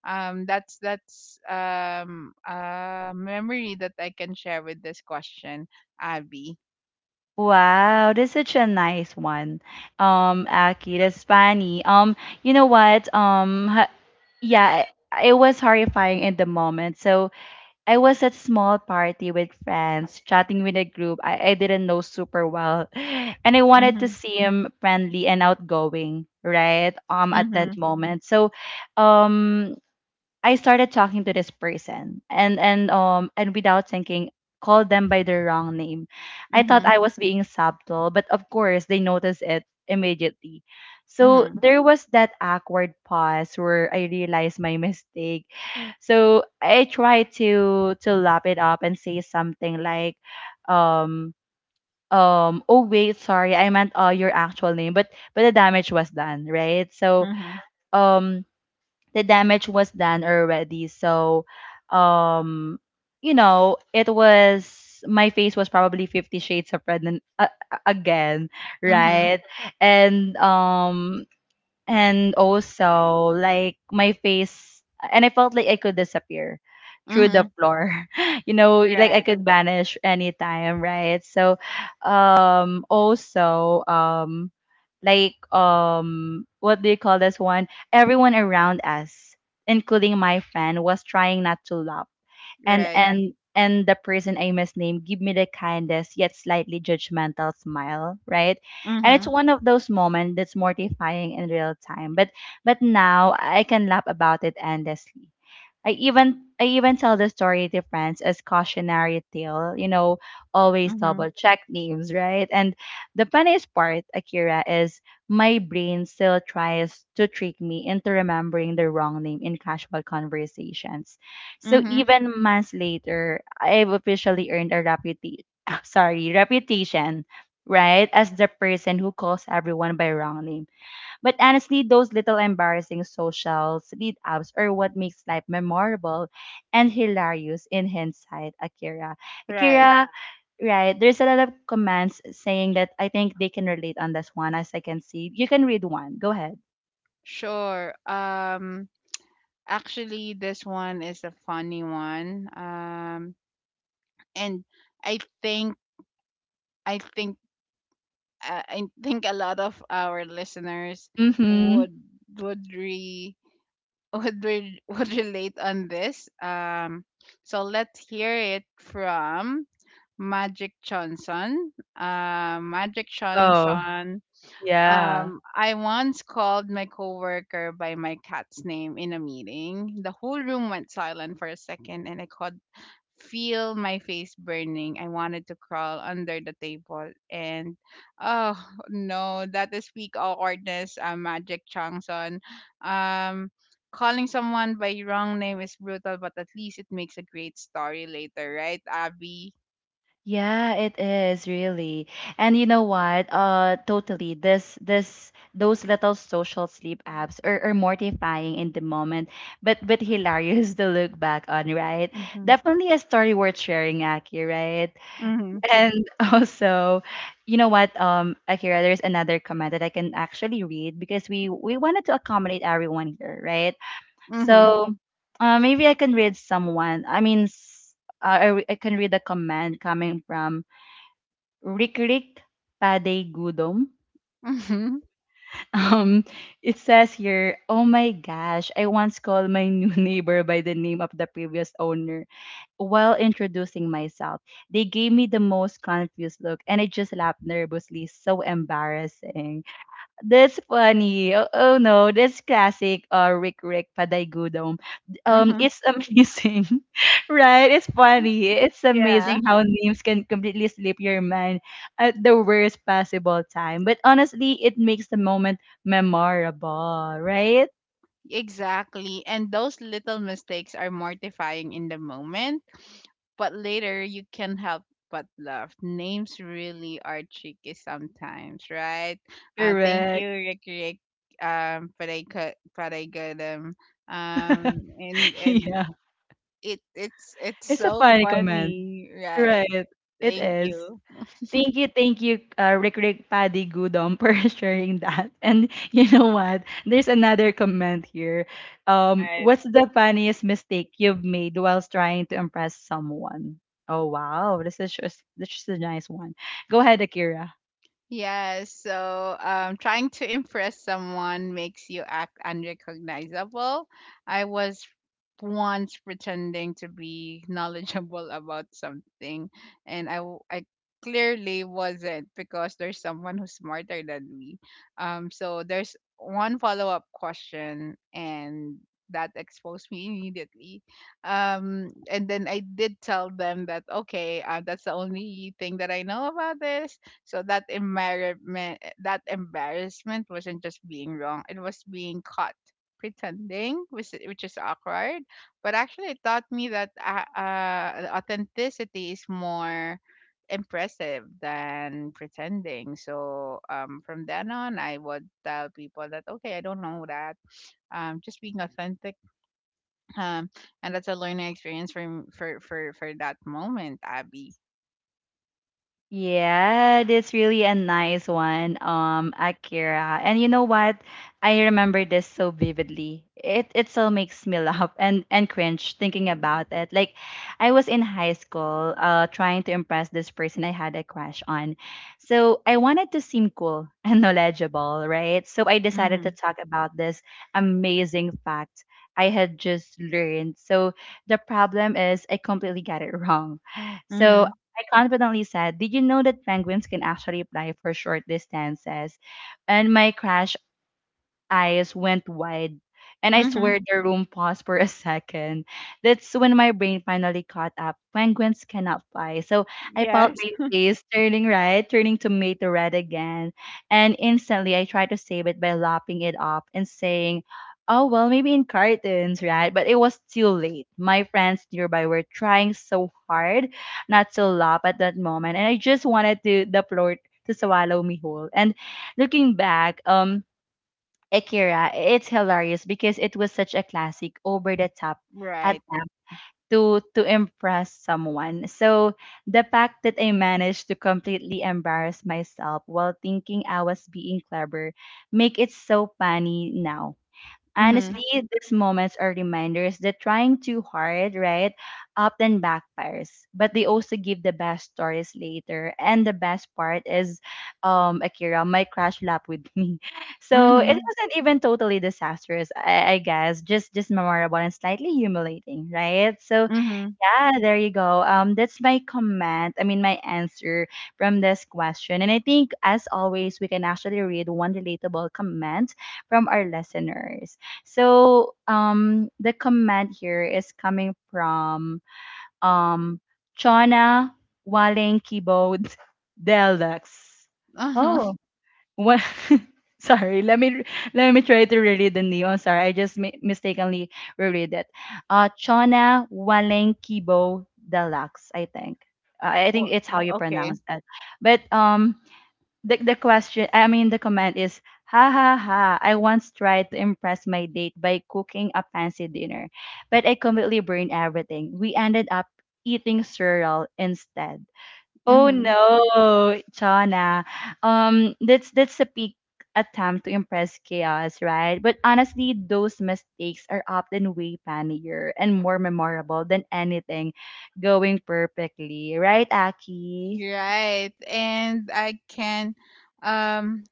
that's a memory that I can share with this question, Abby. Wow, that's such a nice one. Aki, that's funny. You know what? Um ha- yeah, it was horrifying in the moment. So I was at small party with friends, chatting with a group I didn't know super well, [sighs] and I wanted to Mm-hmm. seem friendly and outgoing, right? At Mm-hmm. that moment, so, um, I started talking to this person, and and without thinking, called them by their wrong name. I thought Mm-hmm. I was being subtle, but of course they noticed it immediately. So Mm-hmm. there was that awkward pause where I realized my mistake, so I try to lap it up and say something like, um, oh wait, sorry, I meant your actual name, but the damage was done, right? So Mm-hmm. um, the damage was done already. So, um, you know, it was. My face was probably Fifty Shades of Red and, again, right? And um, and also like my face, and I felt like I could disappear through Mm-hmm. the floor, [laughs] you know, like I Right. could vanish anytime, right? So also like what do you call this one? Everyone around us, including my friend, was trying not to laugh, and Right. and and the person I misnamed give me the kindest yet slightly judgmental smile, right? And it's Mhm. one of those moments that's mortifying in real time, but now I can laugh about it endlessly. I even tell the story to friends as cautionary tale, you know, always double Mhm. check names, right? And the funniest part, Akira, is my brain still tries to trick me into remembering the wrong name in casual conversations. So Mhm. even months later, I've officially earned a reputation, [laughs] sorry, reputation, right, as the person who calls everyone by wrong name, but honestly, those little embarrassing social lead ups are what makes life memorable and hilarious in hindsight, Akira. Right. Akira, right, there's a lot of comments saying that I think they can relate on this one, as I can see. You can read one. Go ahead. Sure. Actually this one is a funny one. And I think I think I think a lot of our listeners Mm-hmm. would would re [laughs] would relate on this. So let's hear it from Magic Johnson. Magic Oh, Johnson. yeah. I once called my coworker by my cat's name in a meeting. The whole room went silent for a second, and I could feel my face burning. I wanted to crawl under the table, and oh no, that is peak awkwardness, Magic Changson. Um, calling someone by wrong name is brutal, but at least it makes a great story later, right, Abby? Yeah, it is really. And you know what? Totally. This, those little social sleep apps are mortifying in the moment, but hilarious [laughs] to look back on, right? Mhm. Definitely a story worth sharing, Aki, right? Mhm. And [laughs] also, you know what, Akira, there's another comment that I can actually read because we wanted to accommodate everyone here, right? Mhm. So maybe I can read someone. I mean, I can read a comment coming from Rikirik Pade Gudom. [laughs] Mhm. Um, it says here, oh my gosh, I once called my new [laughs] neighbor by the name of the previous owner while introducing myself. They gave me the most confused look and I just laughed nervously. So embarrassing. That's funny. Oh, oh no, that's classic, Rick Rick Padaigudom. Mhm. It's [laughs] amazing, [laughs] right? It's funny. It's Yeah. amazing how names can completely slip your mind at the worst possible time. But honestly, it makes the moment memorable, right? Exactly. And those little mistakes are mortifying in the moment, but later you can't help but laugh. Names really are tricky sometimes, right? Thank you, Correct. Rick Rick, for they could, for they good, [laughs] and yeah, it, it's it's a so funny comment, funny, right? right? It Thank is. you, Thank you, Rick Rick Paddy Gudom [laughs] for sharing that. And you know what? There's another comment here. Right? What's the funniest mistake you've made whilst trying to impress someone? Oh wow, this is just this is a nice one. Go ahead, Akira. Yes, so trying to impress someone makes you act unrecognizable. I was once pretending to be knowledgeable about something, and I clearly wasn't because there's someone who's smarter than me. So there's one follow up question, and that exposed me immediately. And then I did tell them that, okay, that's the only thing that I know about this. So that embarrassment, that embarrassment wasn't just being wrong; it was being caught pretending, which is awkward. But actually, it taught me that authenticity is more impressive than pretending. So from then on, I would tell people that okay, I don't know that. Just being authentic. Um, and that's a learning experience for m- for that moment, Abby. Yeah, that's really a nice one, Akira. And you know what? I remember this so vividly. It still makes me [laughs] laugh and cringe thinking about it. Like, I was in high school, trying to impress this person I had a crush on. So I wanted to seem cool [laughs] and knowledgeable, right? So I decided to Mhm. talk about this amazing fact I had just learned. So the problem is I completely got it [laughs] wrong. So Mhm. I confidently said, "Did you know that penguins can actually fly for short distances?" And my crush eyes went wide, and I swear Mhm. the room paused for a second. That's when my brain finally caught up. Penguins cannot fly. So I felt Yes. my face turning red, turning tomato red again. And instantly I tried to save it by lapping it off and saying, "Oh, well, maybe in cartons," right? But it was too late. My friends nearby were trying so hard not to laugh at that moment. And I just wanted to the floor to swallow me whole. And looking back, Akira, it's hilarious because it was such a classic over the top Right. attempt to impress someone. So the fact that I managed to completely embarrass myself while thinking I was being clever make it so funny now. Mhm. Honestly, these moments are reminders that trying too hard, right, often backfires, but they also give the best stories later. And the best part is, Akira, my crush lap with me. [laughs] So it Mhm. wasn't even totally disastrous, I guess, just memorable and slightly humiliating, right? So Mhm. yeah, there you go. That's my comment. I mean, my answer from this question. And I think, as always, we can actually read one relatable comment from our listeners. So, the comment here is coming from um Chona Waling Keyboard [laughs] Deluxe. Uh-huh. [laughs] Oh, what? [laughs] Sorry, let me try to reread the neon. Sorry, I just mistakenly reread it. Chona Walenkibo Deluxe, I think. I think Well, it's how you okay. pronounce that. But the question, I mean, the comment is, ha ha ha. I once tried to impress my date by cooking a fancy dinner, but I completely burned everything. We ended up eating cereal instead. Oh Mhm. no, Chana. That's a peak attempt to impress chaos, right? But honestly, those mistakes are often way funnier and more memorable than anything going perfectly, right, Aki? You're right. And I can um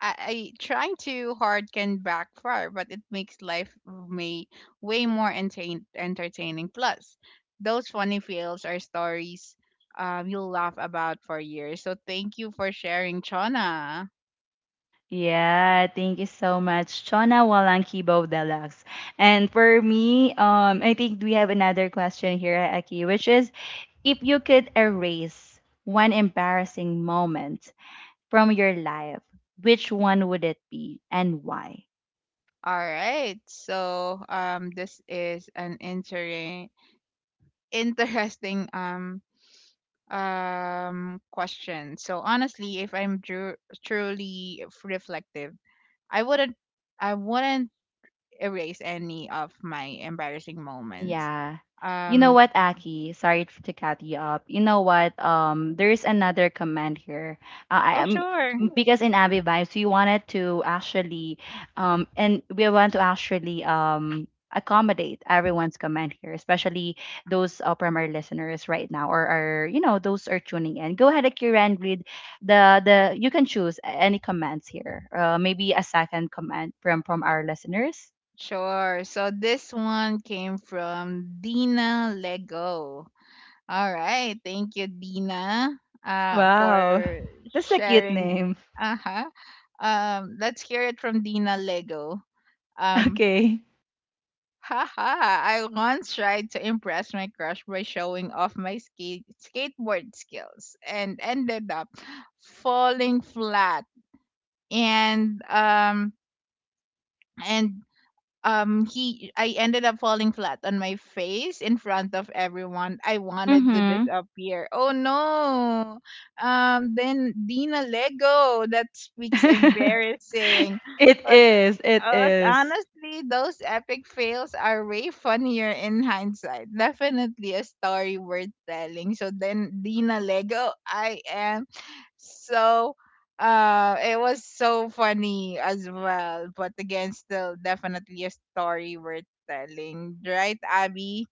I, I trying too hard can backfire, but it makes life may way more entertaining. Plus, those funny fails are stories you'll laugh about for years. So thank you for sharing, Chona. Yeah, thank you so much, Chona Walankibo Deluxe. And for me, I think we have another question here, Aki, which is if you could erase one embarrassing moment from your life, which one would it be and why? All right. So this is an interesting question. So honestly, if I'm dru- truly reflective, I wouldn't I wouldn't erase any of my embarrassing moments. Yeah. You know Um what, Aki? Sorry to cut you up. You know what? There's another comment here. I oh am sure. Because in Abby Vibes, we wanted to actually, and we want to actually accommodate everyone's comment here, especially those primary listeners right now, or are you know those are tuning in. Go ahead, Akira, and read the. You can choose any comments here. Maybe a second comment from our listeners. Sure. So this one came from Dina Lego. All right. Thank you Dina Wow, for that's a cute sharing. name. Uh-huh. Um, let's hear it from Dina Lego. Um. Okay. Haha, I once tried to impress my crush by showing off my skateboard skills and ended up falling flat. And um and he I ended up falling flat on my face in front of everyone. I wanted to Mm-hmm. disappear. Oh no. Um, then Dina Lego. That speaks [laughs] embarrassing. It is. It Oh, is. honestly, those epic fails are way funnier in hindsight. Definitely a story worth telling. So then Dina Lego, I am so it was so funny as well. But again, still definitely a story worth telling. Right, Abby?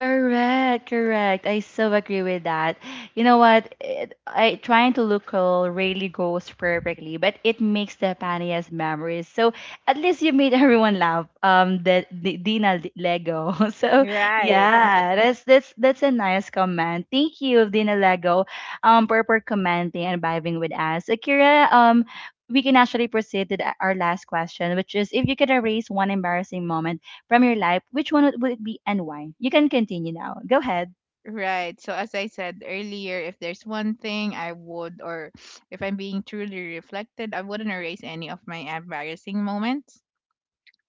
Correct, correct. I so agree with that. You know what? It, I trying to look cool really goes perfectly, but it makes the funniest memories. So at least you made [laughs] everyone laugh. The Dina Lego. [laughs] So Yeah, Right, yeah, that's a nice comment. Thank you, Dina Lego, for, commenting and vibing with us. Akira, We can actually proceed to our last question, which is if you could erase one embarrassing moment from your life, which one would it be and why? You can continue now. Go ahead. right. So as I said earlier, if there's one thing I would or if I'm being truly reflected, I wouldn't erase any of my embarrassing moments.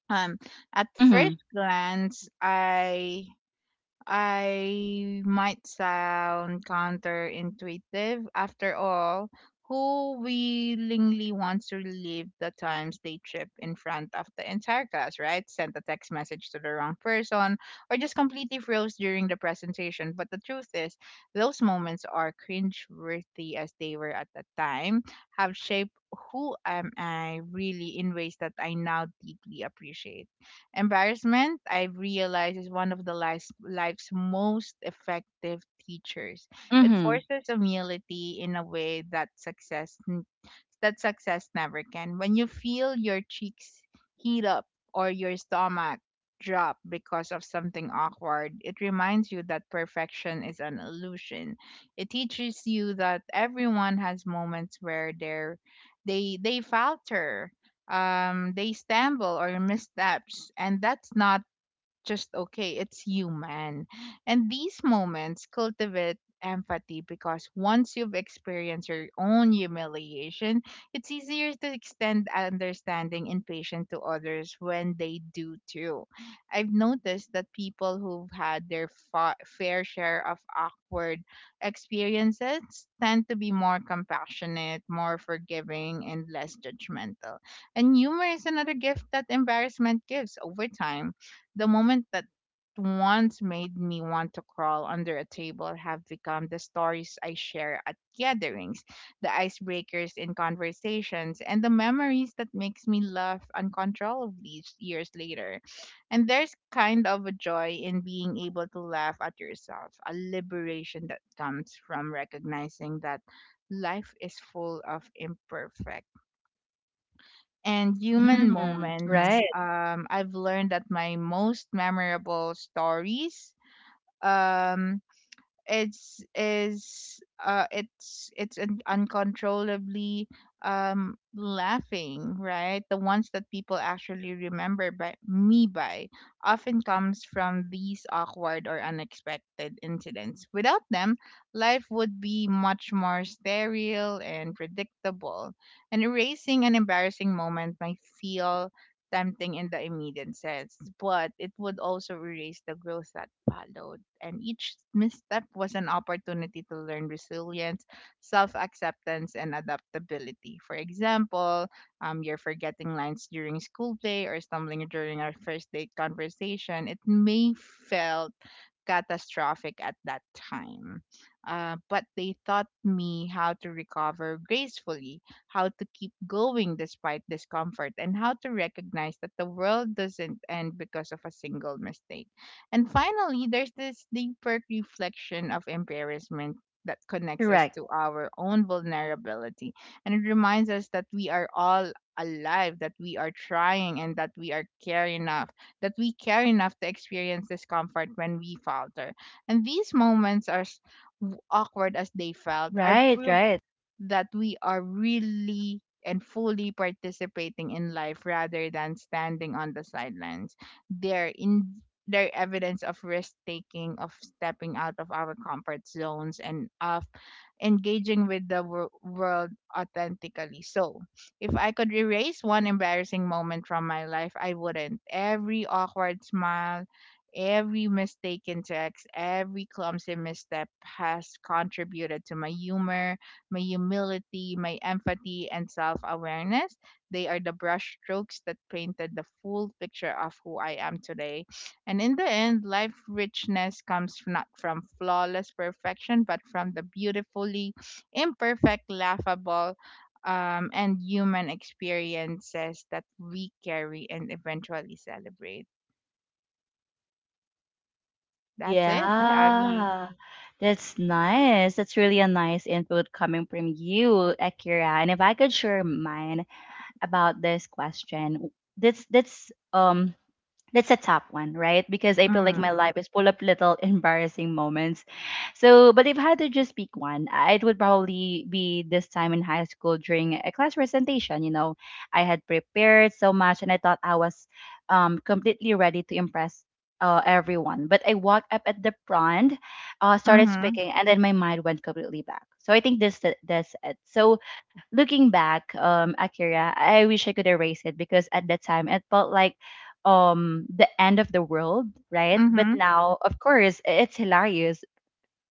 Um, at Mm-hmm. first glance, I might sound counterintuitive. After all, who willingly wants to relive the times they trip in front of the entire class, right? Sent a text message to the wrong person, or just completely froze during the presentation. But the truth is, those moments, are cringe-worthy as they were at the time, have shaped who am I really in ways that I now deeply appreciate. Embarrassment, I've realized, is one of life's most effective teachers. It Mm-hmm. forces humility in a way that success never can. When you feel your cheeks heat up or your stomach drop because of something awkward, it reminds you that perfection is an illusion. It teaches you that everyone has moments where they falter, they stumble or missteps, and that's not just okay, it's human. And these moments cultivate empathy because once you've experienced your own humiliation, it's easier to extend understanding and patience to others when they do too. I've noticed that people who've had their fair share of awkward experiences tend to be more compassionate, more forgiving, and less judgmental. And humor is another gift that embarrassment gives over time. The moment that once made me want to crawl under a table have become the stories I share at gatherings, the icebreakers in conversations, and the memories that makes me laugh uncontrollably years later. And there's kind of a joy in being able to laugh at yourself, a liberation that comes from recognizing that life is full of imperfect and human Mm-hmm. Mm, moments. right. I've learned that my most memorable stories, um, it's is it's un- uncontrollably laughing right, the ones that people actually remember by me by, often comes from these awkward or unexpected incidents. Without them, life would be much more sterile and predictable, and erasing an embarrassing moment might feel tempting in the immediate sense, but it would also erase the growth that followed. And each misstep was an opportunity to learn resilience, self acceptance, and adaptability. For example, you're forgetting lines during school play or stumbling during our first date conversation. It may felt catastrophic at that time. But they taught me how to recover gracefully, how to keep going despite discomfort, and how to recognize that the world doesn't end because of a single mistake. And finally, there's this deeper reflection of embarrassment that connects us Correct. to our own vulnerability. And it reminds us that we are all alive, that we are trying, and that we care enough to experience discomfort when we falter. And these moments, are s- w- awkward as they felt, are Right, proof right. that we are really and fully participating in life rather than standing on the sidelines. They're in their evidence of risk taking, of stepping out of our comfort zones, and of engaging with the world authentically. So, if I could erase one embarrassing moment from my life, I wouldn't. Every awkward smile, every mistaken text, every clumsy misstep has contributed to my humor, my humility, my empathy, and self awareness. They are the brushstrokes that painted the full picture of who I am today. And in the end, life richness comes not from flawless perfection, but from the beautifully imperfect, laughable, and human experiences that we carry and eventually celebrate. That's it, Abby. Yeah. That's nice. That's really a nice input coming from you, Akira. And if I could share mine about this question, that's that's a tough one, right? Because I feel like Mm-hmm. my life is full of little [laughs] embarrassing moments. So, but if I had to just pick one, I- it would probably be this time in high school during a class presentation. You know, I had prepared so much and I thought I was completely ready to impress everyone. But I walked up at the front, started Mm-hmm. speaking, and then my mind went completely back. So I think this that's it. So looking back, Akira, I wish I could erase it because at that time it felt like the end of the world, right? Mm-hmm. But now, of course, it's hilarious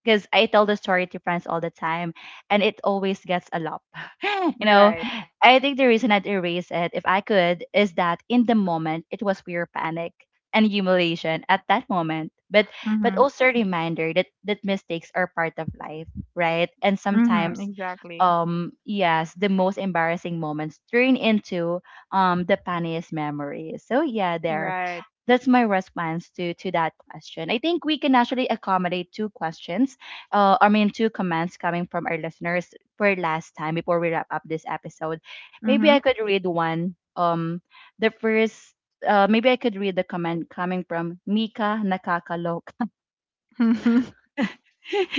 because I tell the story to friends all the time, and it always gets a laugh. [laughs] You know, Right. I think the reason I'd erase it, if I could, is that in the moment it was pure panic and humiliation at that moment, but Mm-hmm. also a reminder that mistakes are part of life, right? And Mm-hmm. sometimes. Exactly. Yes, the most embarrassing moments turn into the funniest memories. So yeah, there Right. that's my response to that question. I think we can actually accommodate two questions I mean, two comments coming from our listeners for last time before we wrap up this episode. Maybe I Mhm. could read one. The first, maybe I could read the comment coming from Mika Nakakalok. Mhm. [laughs]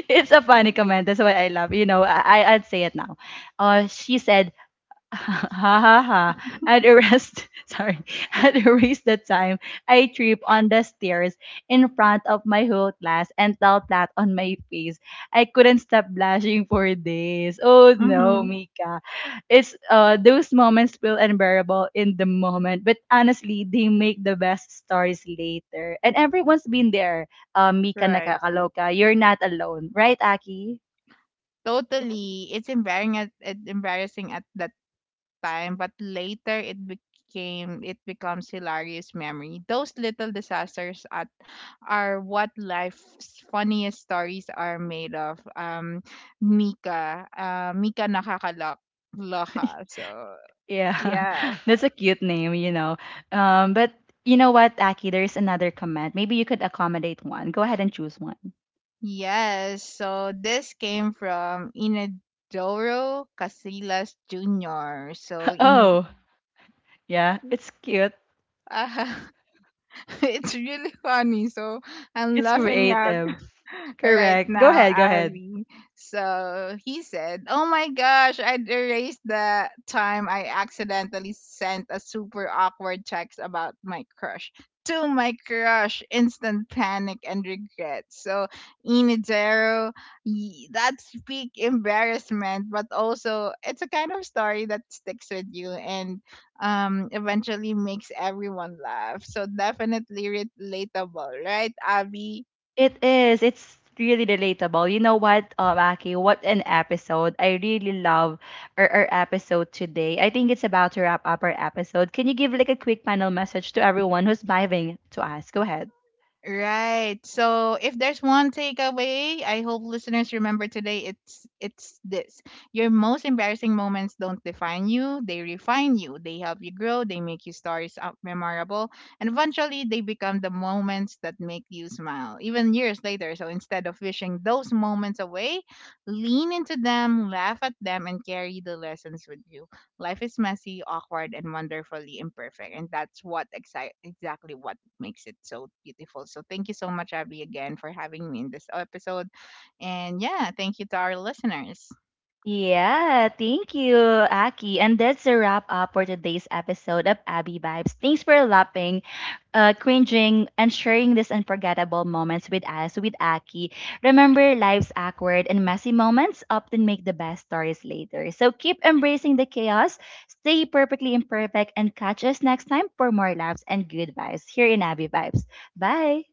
It's a funny comment. That's why I love. You know, I'd say it now. She said, [laughs] ha ha ha. At a rest, [laughs] sorry, [laughs] at a race that time, I trip on the stairs in front of my whole class and fell flat on my face. I couldn't stop blushing for days. Oh no, [laughs] Mika. It's those moments feel unbearable in the moment, but honestly, they make the best stories later. And everyone's been there. Mika Right. nakakaloka. You're not alone, right, Aki? Totally. It's embarrassing at that time, but later it becomes hilarious memory. Those little disasters at are what life's funniest stories are made of. Mika nakakalok [laughs] loka. So Yeah, yeah. [laughs] that's a cute name, you know. But you know what, Aki, there's another comment. Maybe you could accommodate one. Go ahead and choose one. Yes. So this came from Inadoro Casillas Jr. So [laughs] in Oh, yeah, it's cute. [laughs] [laughs] It's really funny. So I'm It's laughing at creative. right Correct. Go now, ahead, go ahead. Abby. So he said, Oh my gosh, I'd erased the time I accidentally sent a super awkward text about my crush. To my crush, instant panic and regret. So, Inidero, that's big embarrassment, but also it's a kind of story that sticks with you and eventually makes everyone laugh. So, definitely relatable, right, Abby? It is. It's really relatable. You know what, Aki, what an episode. I really love our episode today. I think it's about to wrap up our episode. Can you give like a quick final message to everyone who's vibing to us? Go ahead. Right. So if there's one takeaway, I hope listeners remember today it's this. Your most embarrassing moments don't define you, they refine you. They help you grow, they make your stories up memorable, and eventually they become the moments that make you smile. Even years later, so instead of wishing those moments away, lean into them, laugh at them and carry the lessons with you. Life is messy, awkward and wonderfully imperfect, and that's what exactly what makes it so beautiful. So thank you so much, Abby, again for having me in this episode. And yeah, thank you to our listeners. Yeah, thank you, Aki. And that's a wrap up for today's episode of Abby Vibes. Thanks for laughing, cringing, and sharing these unforgettable moments with us, with Aki. Remember, life's awkward and messy moments often make the best stories later. So keep embracing the chaos, stay perfectly imperfect, and catch us next time for more laughs and good vibes here in Abby Vibes. Bye.